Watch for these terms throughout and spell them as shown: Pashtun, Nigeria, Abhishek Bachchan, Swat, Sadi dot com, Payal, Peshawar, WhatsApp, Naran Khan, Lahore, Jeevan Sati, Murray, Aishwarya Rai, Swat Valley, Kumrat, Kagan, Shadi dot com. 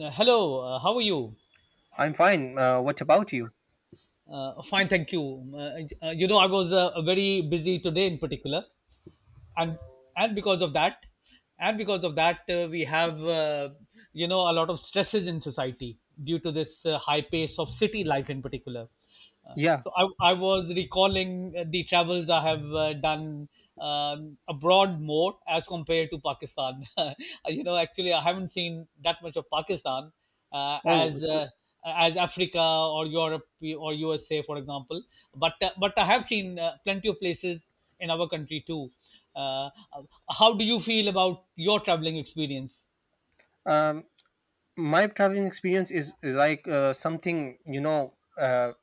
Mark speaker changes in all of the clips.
Speaker 1: Hello, how are you?
Speaker 2: I'm fine. What about you?
Speaker 1: Fine, thank you. I was very busy today in particular, and and because of that we have a lot of stresses in society due to this high pace of city life in particular. uh,
Speaker 2: Yeah.
Speaker 1: so I was recalling the travels I have done abroad more as compared to pakistan. Actually I haven't seen that much of pakistan uh,
Speaker 2: Oh,
Speaker 1: as
Speaker 2: so,
Speaker 1: uh, as africa or europe or usa for example, but I have seen plenty of places in our country too. Uh, how do you feel about your traveling experience?
Speaker 2: um, my traveling experience is like something you know.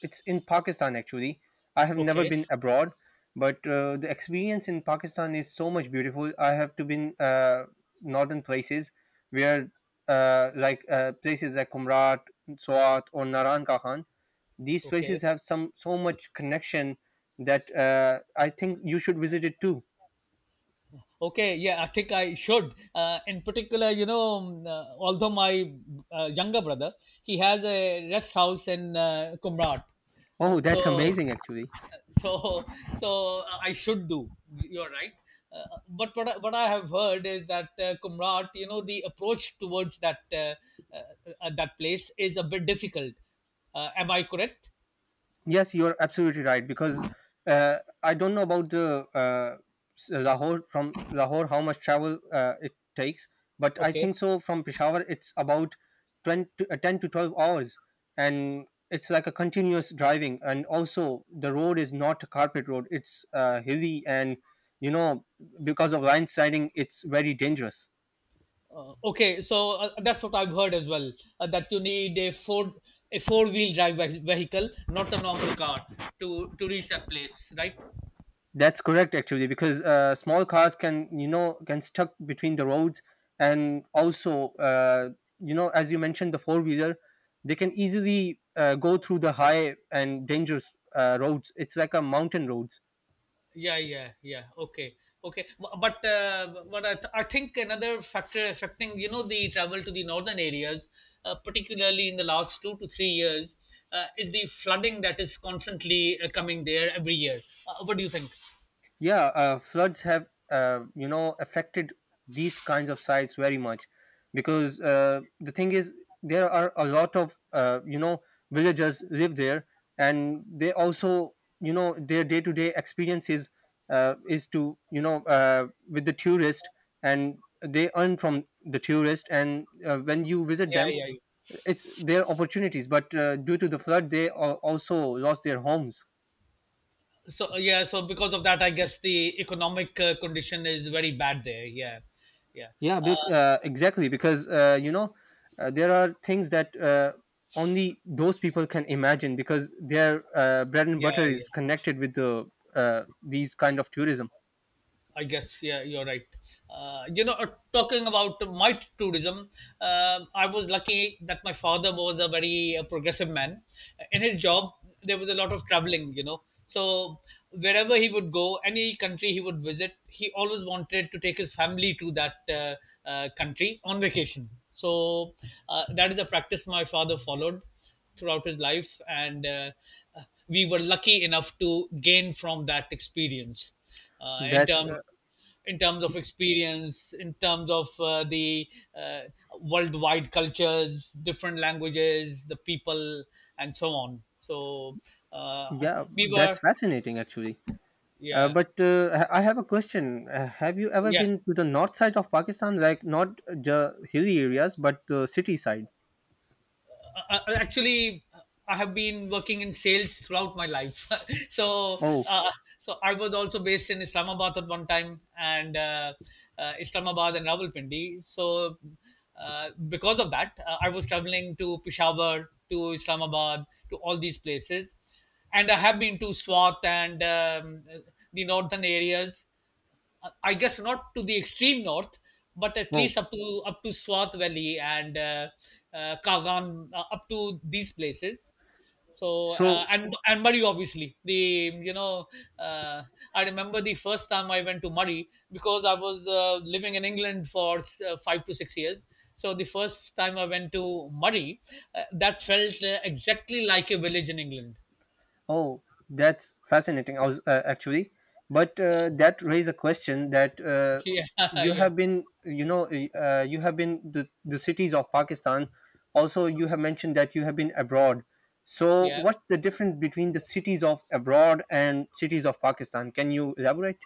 Speaker 2: It's in Pakistan actually. I have never
Speaker 1: Okay,
Speaker 2: been abroad, but the experience in Pakistan is so much beautiful. I have to been northern places where places like Kumrat, Swat, or Naran Khan. These
Speaker 1: okay,
Speaker 2: places have some so much connection that I think you should visit it too.
Speaker 1: okay. Yeah, I think I should. In particular, although my younger brother, he has a rest house in Kumrat. Uh,
Speaker 2: Oh, that's
Speaker 1: so,
Speaker 2: amazing, actually.
Speaker 1: so, so, I should do. You're right. But what I have heard is that Kumrat, the approach towards that uh, that place is a bit difficult. Am I correct?
Speaker 2: Yes, you're absolutely right because uh, I don't know about the Lahore, from Lahore how much travel it takes, but I
Speaker 1: Okay.
Speaker 2: think so from Peshawar it's about 20, 10 to 12 hours, and it's like a continuous driving, and also the road is not a carpet road, it's hilly, and you know, because of line siding it's very dangerous.
Speaker 1: Okay. So that's what I've heard as well. That you need a four-wheel drive vehicle, not a normal car, to reach that place, right?
Speaker 2: That's correct, actually, because small cars can, you know, can stuck between the roads, and also, you know, as you mentioned, the four wheeler, they can easily go through the high and dangerous roads. It's like a mountain roads.
Speaker 1: Yeah. Yeah. Yeah. Okay. Okay. But I think another factor affecting the travel to the northern areas, particularly in the last 2 to 3 years, is the flooding that is constantly coming there every year. What do you think?
Speaker 2: Yeah, floods have you know affected these kinds of sites very much, because the thing is, there are a lot of you know villagers live there, and they also you know their day to day experiences is to you know with the tourist, and they earn from the tourist, and when you visit
Speaker 1: Yeah.
Speaker 2: them
Speaker 1: Yeah.
Speaker 2: it's their opportunities, but due to the flood they also lost their homes.
Speaker 1: So because of that I guess the economic condition is very bad there. Yeah, yeah.
Speaker 2: Yeah,
Speaker 1: uh,
Speaker 2: exactly. Because you know, there are things that only those people can imagine, because their bread and
Speaker 1: yeah
Speaker 2: butter
Speaker 1: yeah
Speaker 2: is connected with the these kind of tourism.
Speaker 1: I guess. Yeah, you're right. Uh, you know, uh, Talking about my tourism, I was lucky that my father was a very progressive man. In his job, there was a lot of traveling. So wherever he would go, any country he would visit, he always wanted to take his family to that country on vacation. So that is a practice my father followed throughout his life, and we were lucky enough to gain from that experience uh, in
Speaker 2: That's
Speaker 1: terms
Speaker 2: uh,
Speaker 1: in terms of experience, in terms of the uh, worldwide cultures, different languages, the people, and so on. Uh,
Speaker 2: yeah,
Speaker 1: we
Speaker 2: that's
Speaker 1: were,
Speaker 2: fascinating actually. Uh,
Speaker 1: yeah,
Speaker 2: but uh, ha- I have a question. Have you ever
Speaker 1: yeah.
Speaker 2: been to the north side of Pakistan, like not the hilly areas, but the city side?
Speaker 1: Actually I have been working in sales throughout my life. so
Speaker 2: Oh,
Speaker 1: uh, so I was also based in islamabad at one time, and islamabad and rawalpindi. Uh, because of that I was traveling to peshawar to islamabad, to all these places. And I have been to swat, and the northern areas. I guess not to the extreme north, but at
Speaker 2: oh.
Speaker 1: least up to Swat Valley, and Kagan, up to these places.
Speaker 2: So
Speaker 1: And Murray, obviously. The you know uh, I remember the first time I went to Murray, because I was living in England for 5 to 6 years. So the first time I went to Murray, that felt exactly like a village in England.
Speaker 2: Oh, that's fascinating. I was actually, but that raise a question that
Speaker 1: Yeah,
Speaker 2: you
Speaker 1: yeah,
Speaker 2: have been, you know, you have been the cities of Pakistan. Also, you have mentioned that you have been abroad. So,
Speaker 1: yeah.
Speaker 2: what's the difference between the cities of abroad and cities of Pakistan? Can you elaborate?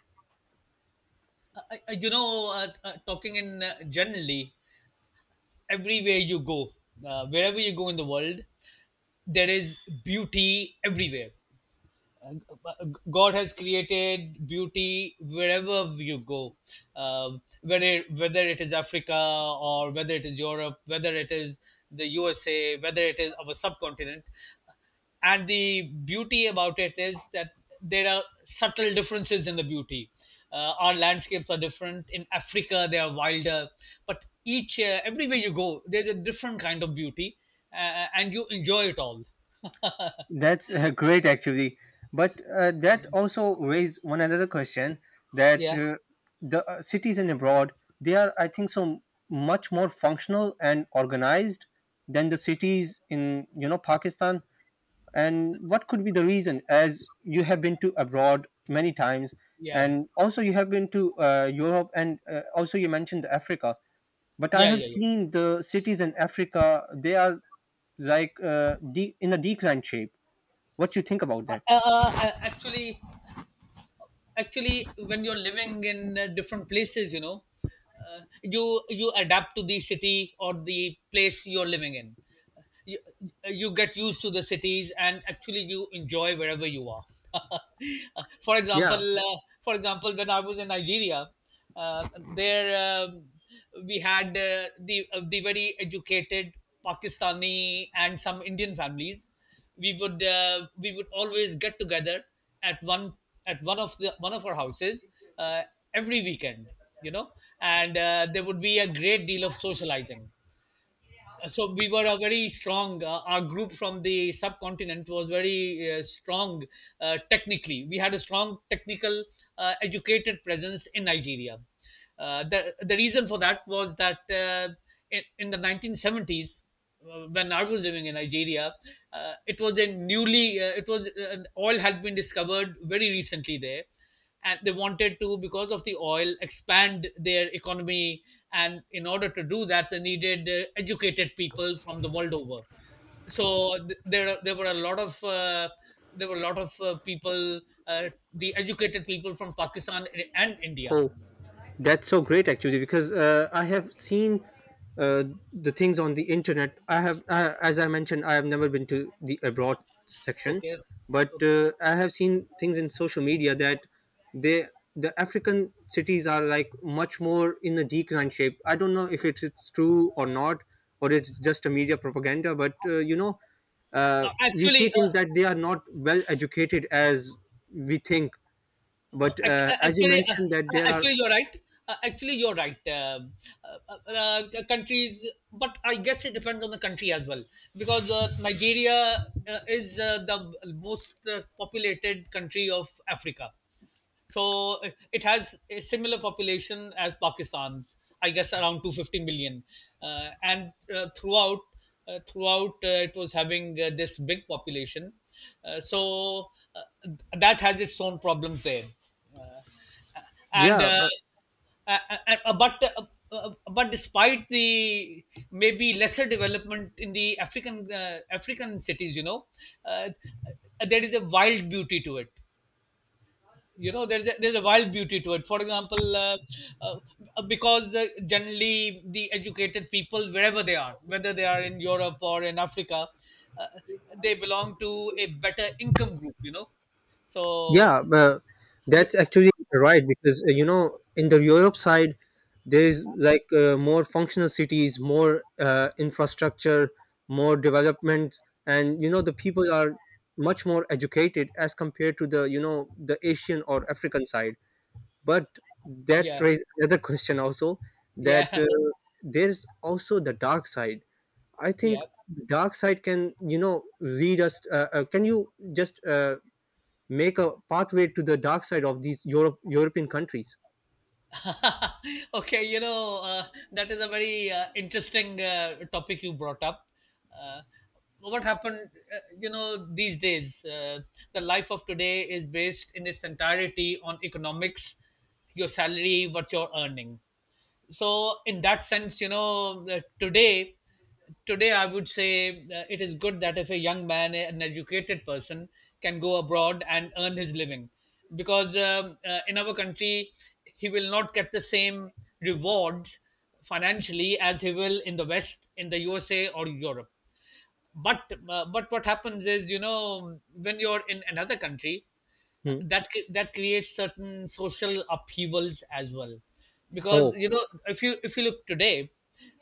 Speaker 1: Uh, Talking in generally, everywhere you go, wherever you go in the world, there is beauty everywhere. God has created beauty wherever you go, whether it is Africa, or whether it is Europe, whether it is the USA, whether it is our subcontinent. And the beauty about it is that there are subtle differences in the beauty. Our landscapes are different. In Africa, they are wilder, but each everywhere you go, there's a different kind of beauty, and you enjoy it all.
Speaker 2: That's great, actually. But that also raised one another question that
Speaker 1: Yeah,
Speaker 2: the cities in abroad, they are, I think, so much more functional and organized than the cities in you know Pakistan. And what could be the reason? As you have been to abroad many times,
Speaker 1: yeah,
Speaker 2: and also you have been to Europe, and also you mentioned Africa. But I
Speaker 1: yeah,
Speaker 2: have
Speaker 1: yeah, yeah.
Speaker 2: seen the cities in Africa; they are like in a decline shape. What you think about that?
Speaker 1: uh, actually actually when you're living in different places, you adapt to the city or the place you're living in. you, you get used to the cities, and actually you enjoy wherever you are. for example
Speaker 2: Yeah.
Speaker 1: uh, for example, when I was in nigeria, uh, there we had the very educated pakistani and some indian families. We would always get together at one of our houses uh, every weekend, you know. And there would be a great deal of socializing. So we were a very strong our group from the subcontinent was very strong. Technically we had a strong technical, educated presence in nigeria. The reason for that was that in the 1970s, when I was living in nigeria, it was a newly it was oil had been discovered very recently there, and they wanted to, because of the oil, expand their economy. And in order to do that, they needed educated people from the world over. So there were a lot of people, uh, the educated people from pakistan and india.
Speaker 2: Oh, that's so great actually, because I have seen uh, the things on the internet. I have, as I mentioned, I have never been to the abroad section,
Speaker 1: Okay,
Speaker 2: but
Speaker 1: okay.
Speaker 2: I have seen things in social media that they the African cities are like much more in a decline shape. I don't know if it's, it's true or not, or it's just a media propaganda. But you know,
Speaker 1: now,
Speaker 2: we see
Speaker 1: actually
Speaker 2: things that they are not well educated as we think, but
Speaker 1: Ac-
Speaker 2: as you
Speaker 1: Actually,
Speaker 2: mentioned that there are
Speaker 1: Actually, you're right. Actually, you're right. Countries, But I guess it depends on the country as well, because Nigeria is the most populated country of Africa. So it has a similar population as Pakistan's, I guess around 250 million. And throughout, throughout It was having this big population. Uh, so uh, that has its own problems there. Uh, and
Speaker 2: yeah but,
Speaker 1: uh, but But despite the maybe lesser development in the African African cities, you know, uh, there is a wild beauty to it. There's a, there's a wild beauty to it. For example uh, because generally the educated people, wherever they are, whether they are in europe or in africa, uh, they belong to a better income group, you know. so
Speaker 2: yeah but
Speaker 1: b-
Speaker 2: that's actually right because you know in the europe side there is like more functional cities, more infrastructure, more development, and you know the people are much more educated as compared to the you know the asian or african side, but that
Speaker 1: yeah,
Speaker 2: raises another question also, that
Speaker 1: yeah.
Speaker 2: there's also the dark side, I
Speaker 1: Yeah.
Speaker 2: think. Dark side can you know lead us can you just make a pathway to the dark side of these europe european countries.
Speaker 1: Okay, that is a very interesting topic you brought up. Uh, what happened, you know, these days, the life of today is based in its entirety on economics, your salary, what you're earning. So in that sense, you know, that today, today I would say, it is good that if a young man, an educated person, can go abroad and earn his living, because in our country he will not get the same rewards financially as he will in the west, in the usa or europe. But what happens is, you know, when you're in another country, uh,
Speaker 2: Hmm.
Speaker 1: that cre- that creates certain social upheavals as well. Because,
Speaker 2: Oh.
Speaker 1: you know, if you look today,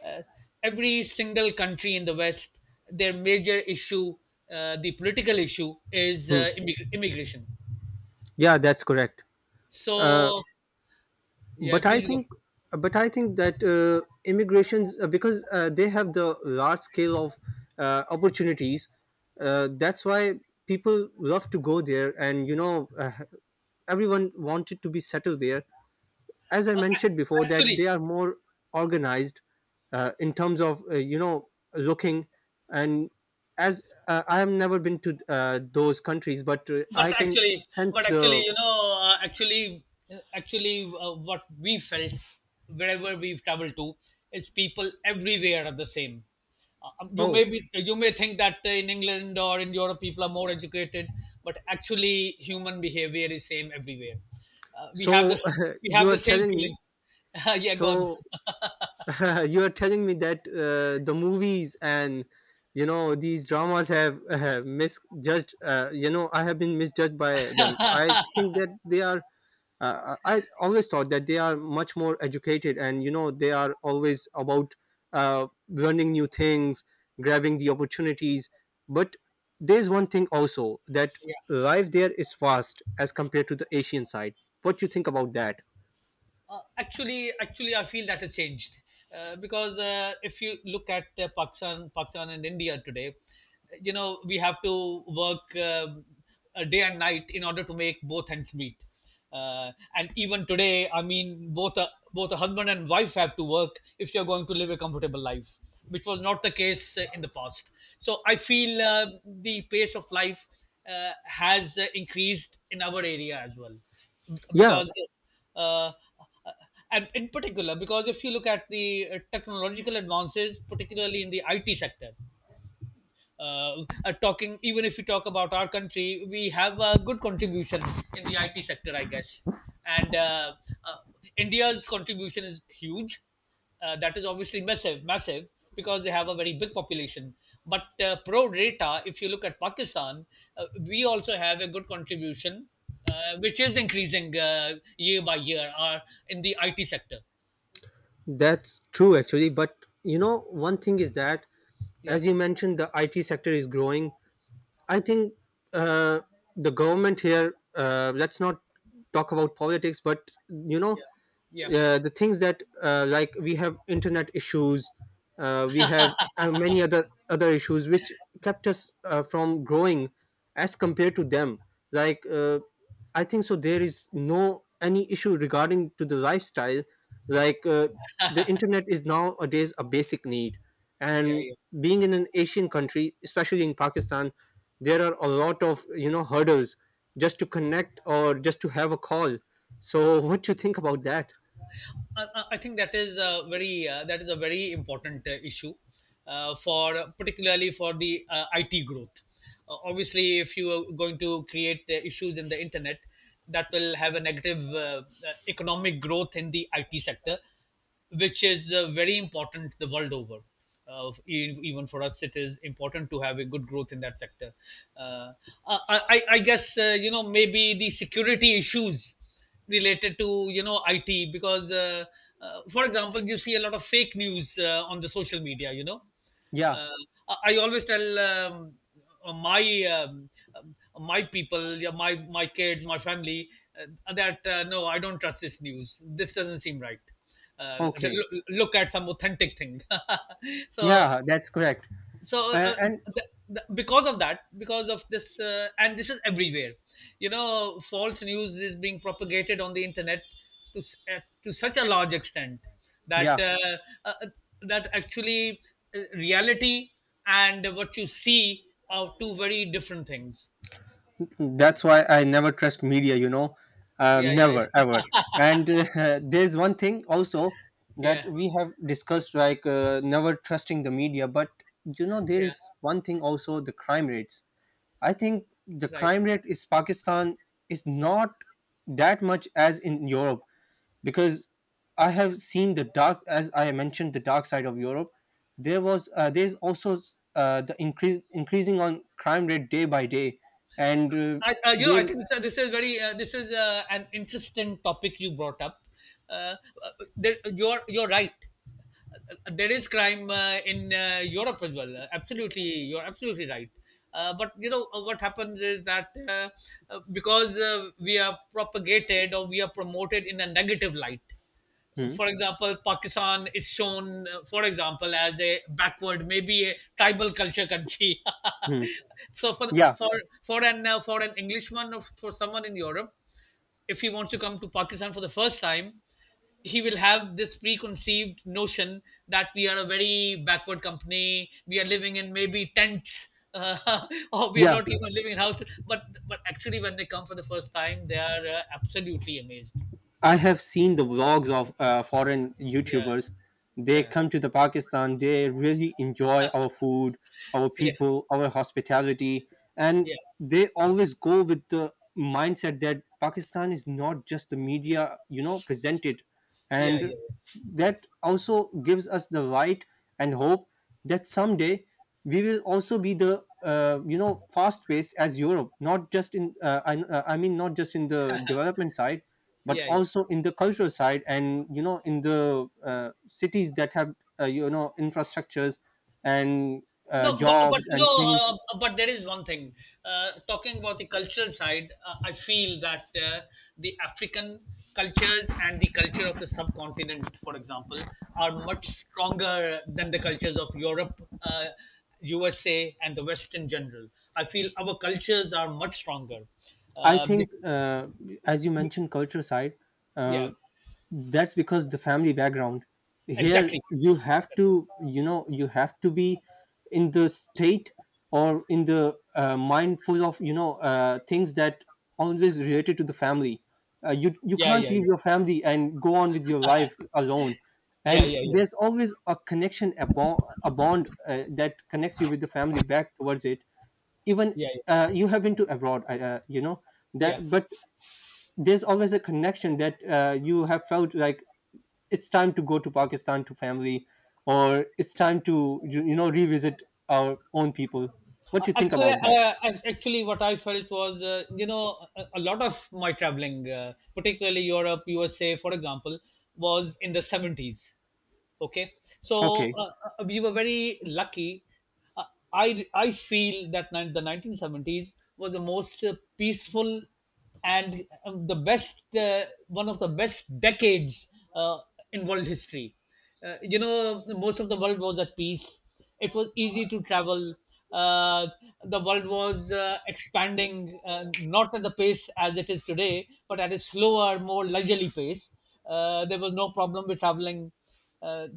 Speaker 1: uh, every single country in the west, their major issue, the political issue, is
Speaker 2: Hmm.
Speaker 1: immigration.
Speaker 2: Yeah, that's correct. uh,
Speaker 1: So yeah,
Speaker 2: but i
Speaker 1: please go.
Speaker 2: think but i think that immigrations, because they have the large scale of opportunities, that's why people love to go there, and you know everyone wanted to be settled there, as I mentioned before
Speaker 1: I-
Speaker 2: that
Speaker 1: actually
Speaker 2: they are more organized in terms of you know looking, and as I have never been to those countries, but
Speaker 1: but
Speaker 2: I can
Speaker 1: actually
Speaker 2: sense
Speaker 1: But
Speaker 2: the
Speaker 1: actually, you know, actually actually what we felt wherever we've traveled to is people everywhere are the same. You may
Speaker 2: Oh.
Speaker 1: be — you may think that in england or in europe people are more educated, but actually human behavior is same everywhere. uh, we have
Speaker 2: So
Speaker 1: this we
Speaker 2: you
Speaker 1: have
Speaker 2: are
Speaker 1: the same
Speaker 2: telling me
Speaker 1: feelings. Yeah, go on.
Speaker 2: so you are telling me that the movies and you know these dramas have misjudged you know I have been misjudged by them, I think that they are I always thought that they are much more educated and you know they are always about uh, learning new things, grabbing the opportunities, but there's one thing also, that life there is fast as compared to the asian side. What you think about that?
Speaker 1: Actually, I feel that has changed, because if you look at Pakistan, Pakistan and India today, you know, we have to work, a day and night, in order to make both ends meet. And even today, I mean, both a, both a husband and wife have to work if you are going to live a comfortable life, which was not the case in the past. So I feel the pace of life has increased in our area as well,
Speaker 2: Yeah.
Speaker 1: because uh, uh, and in particular, because if you look at the technological advances, particularly in the it sector, talking even if we talk about our country, we have a good contribution in the it sector, I guess. And uh, india's contribution is huge. That is obviously massive, massive, because they have a very big population. But pro data, if you look at pakistan, we also have a good contribution, which is increasing year by year, in the it sector.
Speaker 2: That's true, actually. But you know, one thing is that,
Speaker 1: Yeah,
Speaker 2: as you mentioned, the IT sector is growing. I think uh, the government here. Let's not talk about politics, but you know,
Speaker 1: yeah, yeah,
Speaker 2: the things that like we have internet issues, we have many other issues which kept us from growing as compared to them, like I think so there is no any issue regarding to the lifestyle, like the internet is nowadays a basic need,
Speaker 1: yeah,
Speaker 2: and
Speaker 1: yeah.
Speaker 2: being in an asian country, especially in pakistan, there are a lot of you know hurdles, just to connect or just to have a call. So what do you think about that?
Speaker 1: I think that is a very that is a very important issue for — particularly for the IT growth. Obviously, if you are going to create issues in the internet, that will have a negative economic growth in the IT sector, which is very important the world over. Even for us, it is important to have a good growth in that sector. Uh, I, I guess maybe the security issues related to IT because, for example, you see a lot of fake news on the social media.
Speaker 2: Yeah.
Speaker 1: uh, I always tell my um, my people, yeah, my kids, my family, that no, I don't trust this news. This doesn't seem right. Uh,
Speaker 2: Okay.
Speaker 1: look at some authentic thing. so
Speaker 2: Yeah, that's correct.
Speaker 1: so uh,
Speaker 2: And,
Speaker 1: uh,
Speaker 2: and
Speaker 1: because of that, because of this, and this is everywhere. You know, false news is being propagated on the internet to such a large extent that
Speaker 2: yeah,
Speaker 1: uh, that actually reality and what you see are two very different things.
Speaker 2: that's why I never trust media, you know,
Speaker 1: Yeah, yeah,
Speaker 2: never,
Speaker 1: yeah.
Speaker 2: ever. And there's one thing also that
Speaker 1: Yeah,
Speaker 2: we have discussed, like never trusting the media. But, you know, there
Speaker 1: yeah.
Speaker 2: is one thing also, the crime rates. I think the
Speaker 1: Right.
Speaker 2: crime rate is Pakistan is not that much as in Europe, because I have seen the dark, as I mentioned, the dark side of Europe. There was, there's also the increase increasing on crime rate day by day, and
Speaker 1: I
Speaker 2: there,
Speaker 1: think this is very this is an interesting topic you brought up. Uh, uh, there, you're right. There is crime in Europe as well. Absolutely, you're absolutely right. But you know, what happens is that because we are propagated or we are promoted in a negative light,
Speaker 2: hmm,
Speaker 1: for example, Pakistan is shown, for example, as a backward, maybe a tribal culture country.
Speaker 2: hmm,
Speaker 1: so for
Speaker 2: yeah,
Speaker 1: for for an for an Englishman or for someone in Europe, if he wants to come to Pakistan for the first time, he will have this preconceived notion that we are a very backward company. We are living in maybe tents. Uh, or we are
Speaker 2: yeah,
Speaker 1: not even living in houses, but actually, when they come for the first time, they are absolutely amazed.
Speaker 2: I have seen the vlogs of foreign
Speaker 1: Yeah,
Speaker 2: YouTubers. They
Speaker 1: yeah,
Speaker 2: come to the Pakistan. They really enjoy our food, our
Speaker 1: yeah,
Speaker 2: people, our hospitality, and
Speaker 1: yeah.
Speaker 2: they always go with the mindset that Pakistan is not just the media, you know, presented,
Speaker 1: Yeah,
Speaker 2: and
Speaker 1: yeah,
Speaker 2: that
Speaker 1: yeah,
Speaker 2: also gives us the right and hope, that someday we will also be the you know fast paced as Europe, not just in I mean not just in the development side, but
Speaker 1: yeah, yeah, yeah.
Speaker 2: also in the cultural side, and you know in the cities that have you know infrastructures, and
Speaker 1: No, but
Speaker 2: jobs
Speaker 1: you
Speaker 2: and
Speaker 1: know,
Speaker 2: things.
Speaker 1: but there is one thing. Talking about the cultural side, I feel that the African cultures and the culture of the subcontinent, for example, are much stronger than the cultures of Europe, USA, and the West in general. I feel our cultures are much stronger.
Speaker 2: I
Speaker 1: Uh, be-
Speaker 2: think as you mentioned culture side, uh,
Speaker 1: yeah,
Speaker 2: that's because the family background, here
Speaker 1: exactly.
Speaker 2: you have to you know you have to be in the state or in the mindful of you know things that always related to the family. You you
Speaker 1: Yeah,
Speaker 2: can't
Speaker 1: yeah,
Speaker 2: leave
Speaker 1: yeah,
Speaker 2: your family and go on with your life alone,
Speaker 1: yeah,
Speaker 2: and
Speaker 1: yeah, yeah,
Speaker 2: there's always a connection, a bond that connects you with the family back towards it. Even
Speaker 1: yeah, yeah,
Speaker 2: you have been to abroad, you know
Speaker 1: yeah.
Speaker 2: that, but there's always a connection that you have felt like it's time to go to pakistan to family, or it's time to you you know revisit our own people. What do you think
Speaker 1: Actually,
Speaker 2: about that?
Speaker 1: actually, what I felt was, a lot of my traveling, particularly Europe, USA, for example, was in the 70s. Okay. So
Speaker 2: Okay.
Speaker 1: we were very lucky. Uh, i i feel that the 1970s was the most peaceful and the best, one of the best decades uh, in world history. You know, most of the world was at peace. It was easy to travel. uh, the world was expanding, not at the pace as it is today, but at a slower, more leisurely pace. There was no problem with traveling. uh,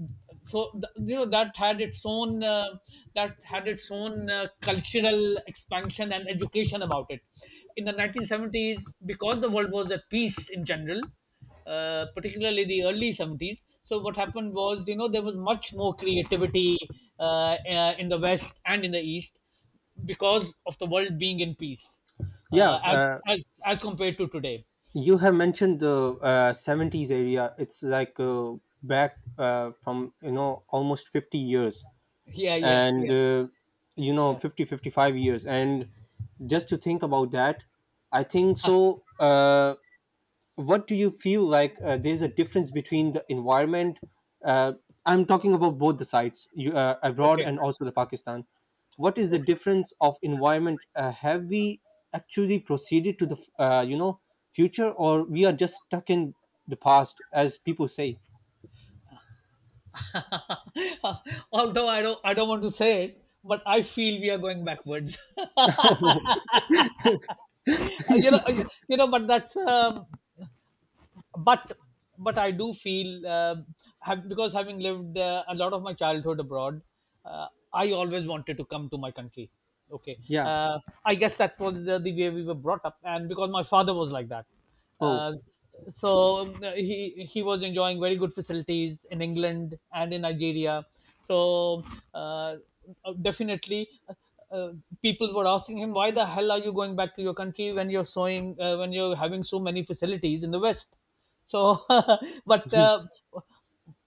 Speaker 1: you know, that had its own that had its own cultural expansion and education about it in the 1970s, because the world was at peace in general, particularly the early 70s. So what happened was, you know, there was much more creativity in the west and in the east, because of the world being in peace,
Speaker 2: Yeah,
Speaker 1: uh, as as as compared to today.
Speaker 2: you have mentioned the 70s area, it's like back from you know almost 50 years,
Speaker 1: Yeah, yeah,
Speaker 2: and
Speaker 1: yeah,
Speaker 2: you know
Speaker 1: yeah.
Speaker 2: 50, 55 years, and just to think about that. I think so uh, what do you feel like there's a difference between the environment, uh, I'm talking about both the sides, you, abroad,
Speaker 1: Okay,
Speaker 2: and also the pakistan. What is the
Speaker 1: okay.
Speaker 2: difference of environment, have we actually proceeded to the you know future, or we are just stuck in the past as people say?
Speaker 1: Although I don't want to say it, but I feel we are going backwards. You know, you know, but that's, but, but I do feel, have, because having lived a lot of my childhood abroad, uh, I always wanted to come to my country. Okay.
Speaker 2: Yeah.
Speaker 1: uh, I guess that was the way we were brought up, and because my father was like that.
Speaker 2: Oh.
Speaker 1: Uh, so he was enjoying very good facilities in England and in Nigeria. So uh, definitely, uh, people were asking him why the hell are you going back to your country when you're sowing when you're having so many facilities in the west. So but uh,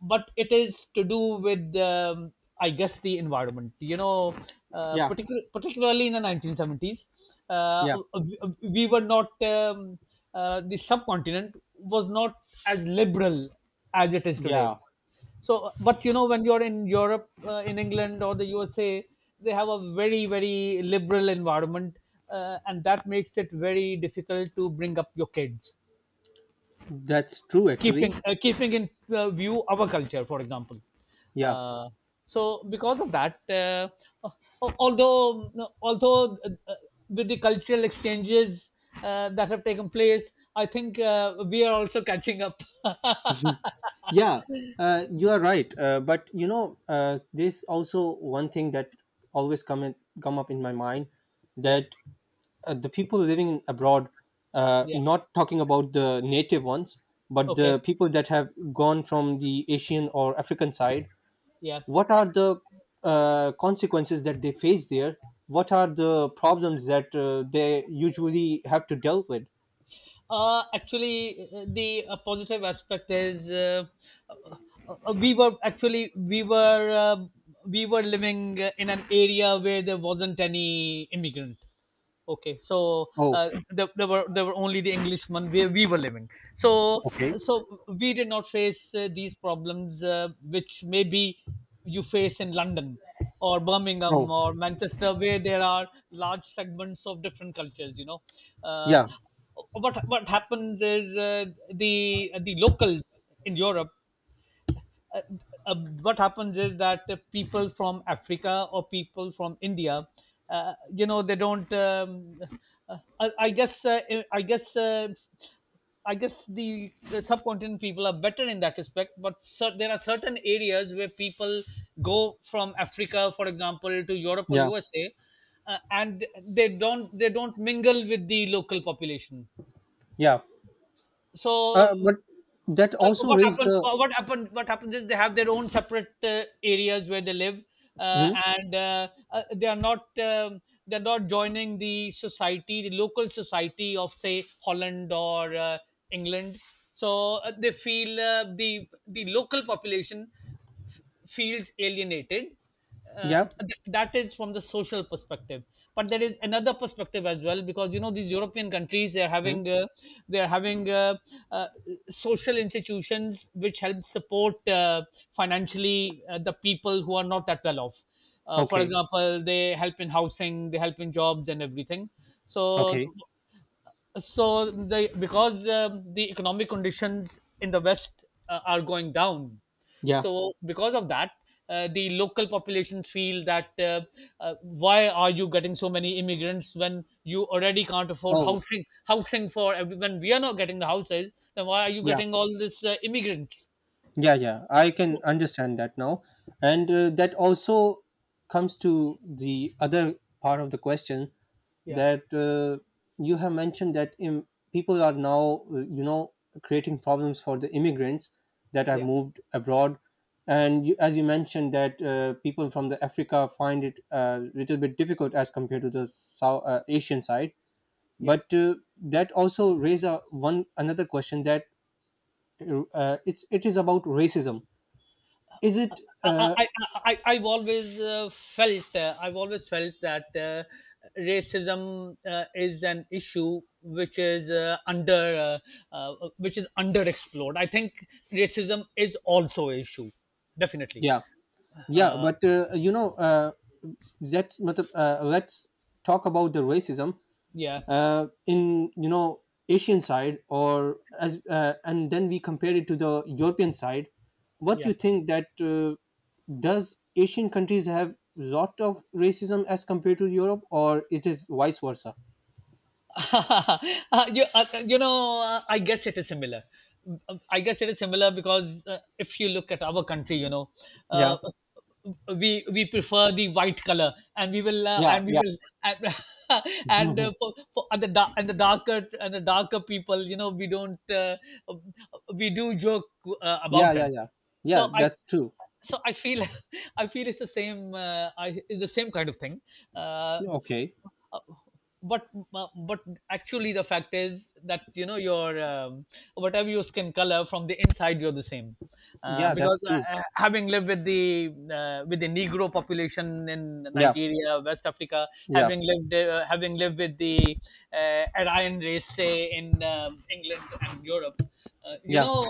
Speaker 1: but it is to do with I guess the environment, you know,
Speaker 2: Yeah,
Speaker 1: particularly in the 1970s. uh,
Speaker 2: yeah,
Speaker 1: we were not the subcontinent was not as liberal as it is today.
Speaker 2: yeah,
Speaker 1: So, but you know, when you're in Europe, in England or the USA, they have a very, very liberal environment, and that makes it very difficult to bring up your kids,
Speaker 2: that's true,
Speaker 1: keeping
Speaker 2: actually.
Speaker 1: keeping in view our culture, for example.
Speaker 2: Yeah.
Speaker 1: Uh, so, because of that, al- although although with the cultural exchanges that have taken place, I think we are also catching up.
Speaker 2: Yeah, you are right. But you know, there's also one thing that always come up in my mind,
Speaker 1: Yeah,
Speaker 2: that the people living in abroad,
Speaker 1: yeah,
Speaker 2: not talking about the native ones, but
Speaker 1: okay,
Speaker 2: the people that have gone from the Asian or African side,
Speaker 1: yeah.
Speaker 2: what are the consequences that they face there? What are the problems that they usually have to deal with?
Speaker 1: Actually, the positive aspect is uh, we were actually we were living in an area where there wasn't any immigrant. Okay. So
Speaker 2: Oh,
Speaker 1: there, there were only the Englishmen where we were living. So
Speaker 2: okay.
Speaker 1: so we did not face these problems, which maybe you face in London or Birmingham
Speaker 2: Oh,
Speaker 1: or Manchester, where there are large segments of different cultures, you know. uh,
Speaker 2: yeah,
Speaker 1: what what happens is, the locals in Europe, uh, uh, what happens is that, people from Africa or people from India, you know, they don't. I guess. I guess. I guess the subcontinent people are better in that respect, but there are certain areas where people go from Africa, for example, to Europe or
Speaker 2: yeah,
Speaker 1: USA, and they don't mingle with the local population.
Speaker 2: yeah.
Speaker 1: So
Speaker 2: But that also raised the.
Speaker 1: what happens is, they have their own separate areas where they live, uh,
Speaker 2: Hmm?
Speaker 1: and uh, uh, they are not they're not joining the society, the local society of say Holland or England. So they feel the local population f- feels alienated. uh,
Speaker 2: Yeah.
Speaker 1: that is from the social perspective, but there is another perspective as well, because you know these European countries, they're
Speaker 2: Hmm?
Speaker 1: having they're having uh, uh, social institutions which help support financially the people who are not that well off, for
Speaker 2: Okay.
Speaker 1: example, they help in housing, they help in jobs and everything.
Speaker 2: Okay.
Speaker 1: So so the, because the economic conditions in the west are going down.
Speaker 2: Yeah.
Speaker 1: So because of that, the local population feel that, why are you getting so many immigrants when you already can't afford
Speaker 2: Oh.
Speaker 1: housing, housing for everyone? We are not getting the houses, then why are you
Speaker 2: Yeah.
Speaker 1: getting all this immigrants?
Speaker 2: Yeah, yeah, I
Speaker 1: So,
Speaker 2: can understand that now. And that also comes to the other part of the question,
Speaker 1: yeah,
Speaker 2: that you have mentioned that people are now, you know, creating problems for the immigrants that have
Speaker 1: yeah,
Speaker 2: moved abroad. And you, as you mentioned, that people from the Africa find it a little bit difficult as compared to the South Asian side.
Speaker 1: yeah.
Speaker 2: But that also raises a, one another question, that it's it is about racism. Is it
Speaker 1: I, I, I've always felt I've always felt that racism is an issue which is under which is underexplored. I think racism is also an issue, definitely.
Speaker 2: yeah? Yeah,
Speaker 1: Uh,
Speaker 2: but you know let's matlab, let's talk about the racism
Speaker 1: yeah,
Speaker 2: in you know asian side, or as and then we compare it to the european side. What do
Speaker 1: yeah.
Speaker 2: you think, that does asian countries have lot of racism as compared to europe, or it is vice versa?
Speaker 1: You know, I guess it is similar. I guess it is similar because, if you look at our country, you know,
Speaker 2: Yeah.
Speaker 1: uh, we prefer the white color, and we will
Speaker 2: Yeah,
Speaker 1: and we
Speaker 2: yeah.
Speaker 1: will and, and
Speaker 2: Mhm.
Speaker 1: for and the dark and the darker people, you know, we don't we do joke
Speaker 2: Yeah,
Speaker 1: about
Speaker 2: yeah,
Speaker 1: them.
Speaker 2: yeah. Yeah,
Speaker 1: So I
Speaker 2: that's true.
Speaker 1: so I feel I feel it's the same, it's the same kind of thing. Uh,
Speaker 2: Okay.
Speaker 1: uh, but but actually the fact is that, you know, your whatever your skin color, from the inside you're the same,
Speaker 2: Yeah,
Speaker 1: because
Speaker 2: that's true.
Speaker 1: having lived with the negro population in
Speaker 2: Yeah,
Speaker 1: Nigeria, West Africa,
Speaker 2: yeah,
Speaker 1: having lived with the Aryan race, say in England and Europe,
Speaker 2: yeah.
Speaker 1: know,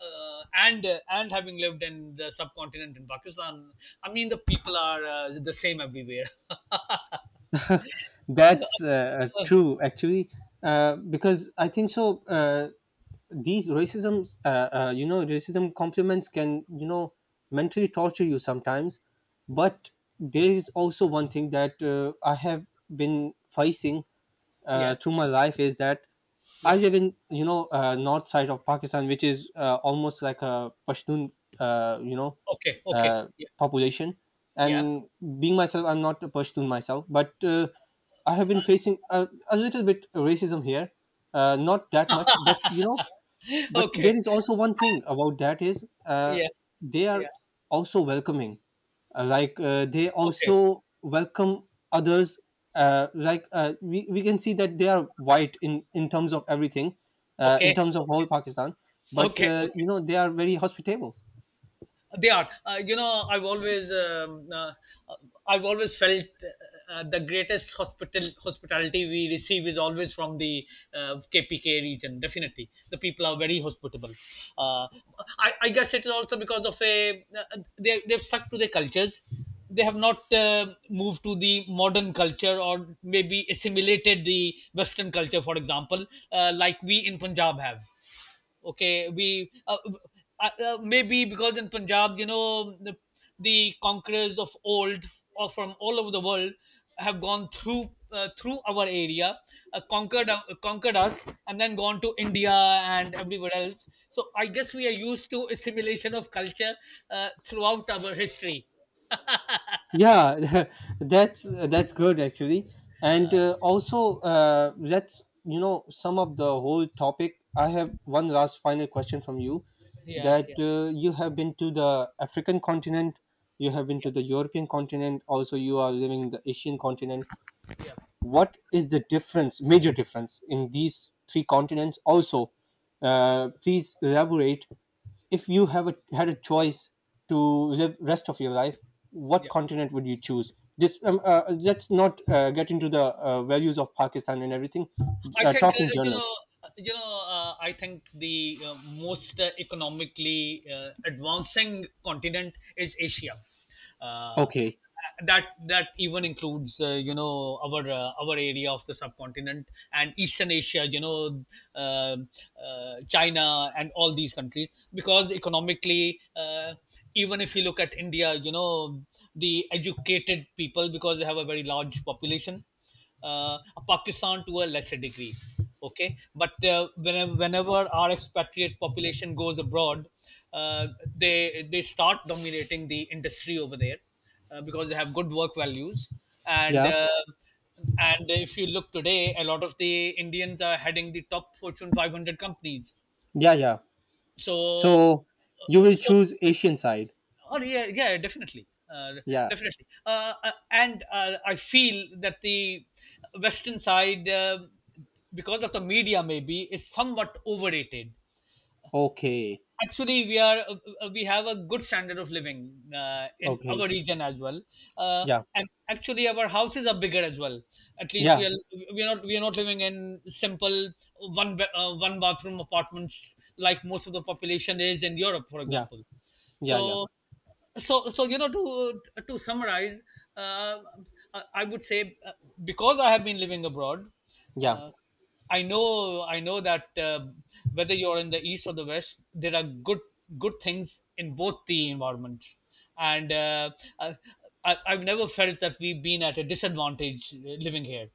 Speaker 1: uh, and uh, and having lived in the subcontinent in Pakistan, I mean the people are the same everywhere. Uh,
Speaker 2: That's
Speaker 1: uh,
Speaker 2: true, actually, because I think so. These racism, you know, racism compliments can, you know, mentally torture you sometimes. But there is also one thing that I have been facing
Speaker 1: yeah,
Speaker 2: through my life, is that I
Speaker 1: yeah.
Speaker 2: live in you know north side of Pakistan, which is almost like a Pashtun you know
Speaker 1: Okay, okay.
Speaker 2: uh,
Speaker 1: Yeah,
Speaker 2: population.
Speaker 1: yeah.
Speaker 2: And being myself, I'm not a Pashtun myself, but I have been facing a little bit racism here, not that much, but you know, but there
Speaker 1: Okay.
Speaker 2: is also one thing about that, is
Speaker 1: Yeah,
Speaker 2: they are
Speaker 1: yeah.
Speaker 2: also welcoming, like they
Speaker 1: Okay,
Speaker 2: also welcome others, like we can see that they are white in terms of everything,
Speaker 1: okay,
Speaker 2: in terms of whole
Speaker 1: okay,
Speaker 2: pakistan, but
Speaker 1: okay, okay.
Speaker 2: you know they are very hospitable.
Speaker 1: They are. You know, I've always felt the greatest hospitality we receive is always from the KPK region. Definitely, the people are very hospitable. Uh, I guess it is also because of a they they've stuck to their cultures. They have not moved to the modern culture, or maybe assimilated the Western culture, for example, like we in Punjab have. Okay, we maybe because in Punjab, you know, the conquerors of old or from all over the world have gone through through our area, conquered us, and then gone to India and everywhere else. So I guess we are used to assimilation of culture throughout our history.
Speaker 2: Yeah. That's good actually, and
Speaker 1: Uh,
Speaker 2: also let's you know sum up the whole topic. I have one last final question from you,
Speaker 1: yeah,
Speaker 2: that
Speaker 1: yeah,
Speaker 2: you have been to the african continent, you have
Speaker 1: yeah,
Speaker 2: been to the european continent, also you are living in the asian continent.
Speaker 1: yeah,
Speaker 2: What is the difference, major difference, in these three continents? Also please elaborate, if you have a, had a choice to live rest of your life, what
Speaker 1: yeah.
Speaker 2: continent would you choose this let's not get into the values of pakistan and everything.
Speaker 1: I think
Speaker 2: Talk in general.
Speaker 1: I think the most economically advancing continent is Asia. Uh,
Speaker 2: Okay.
Speaker 1: that that even includes you know our area of the subcontinent and Eastern Asia. You know, uh, China and all these countries, because economically. Even if you look at India, you know, the educated people, because they have a very large population, uh, Pakistan to a lesser degree. Okay, but whenever our expatriate population goes abroad, uh, they start dominating the industry over there, because they have good work values and.
Speaker 2: Yeah.
Speaker 1: And if you look today, a lot of the Indians are heading the top Fortune 500 companies.
Speaker 2: Yeah. Yeah.
Speaker 1: So,
Speaker 2: So you will
Speaker 1: so
Speaker 2: choose asian side?
Speaker 1: oh yeah, yeah, definitely, uh,
Speaker 2: Yeah.
Speaker 1: definitely. And I feel that the Western side, because of the media, maybe is somewhat overrated.
Speaker 2: Okay.
Speaker 1: Actually, we are we have a good standard of living in
Speaker 2: Okay.
Speaker 1: our region as well, uh,
Speaker 2: Yeah.
Speaker 1: and actually our houses are bigger as well. At least we
Speaker 2: Yeah.
Speaker 1: are we are not living in simple one bathroom apartments like most of the population is in Europe, for
Speaker 2: Yeah.
Speaker 1: example.
Speaker 2: Yeah. Yeah.
Speaker 1: So so so you know, to summarize, uh, I would say because I have been living abroad,
Speaker 2: Yeah,
Speaker 1: uh, I know I know that whether you're in the east or the west, there are good, good things in both the environments, and uh, I, I've never felt that we've been at a disadvantage living here.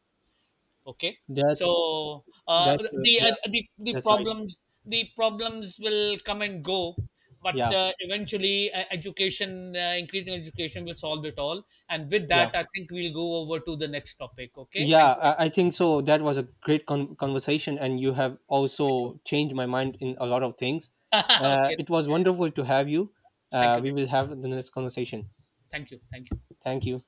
Speaker 1: Okay.
Speaker 2: that's
Speaker 1: So
Speaker 2: that's yeah.
Speaker 1: the the
Speaker 2: That's right.
Speaker 1: problems the problems will come and go, but
Speaker 2: Yeah.
Speaker 1: eventually education, increasing education will solve it all. And with that,
Speaker 2: Yeah.
Speaker 1: I think we'll go over to the next topic. Okay.
Speaker 2: Yeah.
Speaker 1: Thank you.
Speaker 2: I, I think so. That was a great conversation, and you have
Speaker 1: Very
Speaker 2: also changed my mind in a lot of things.
Speaker 1: much. Okay.
Speaker 2: It was wonderful to have you.
Speaker 1: Thank you.
Speaker 2: We will have the next conversation.
Speaker 1: Thank you. Thank you.
Speaker 2: Thank you.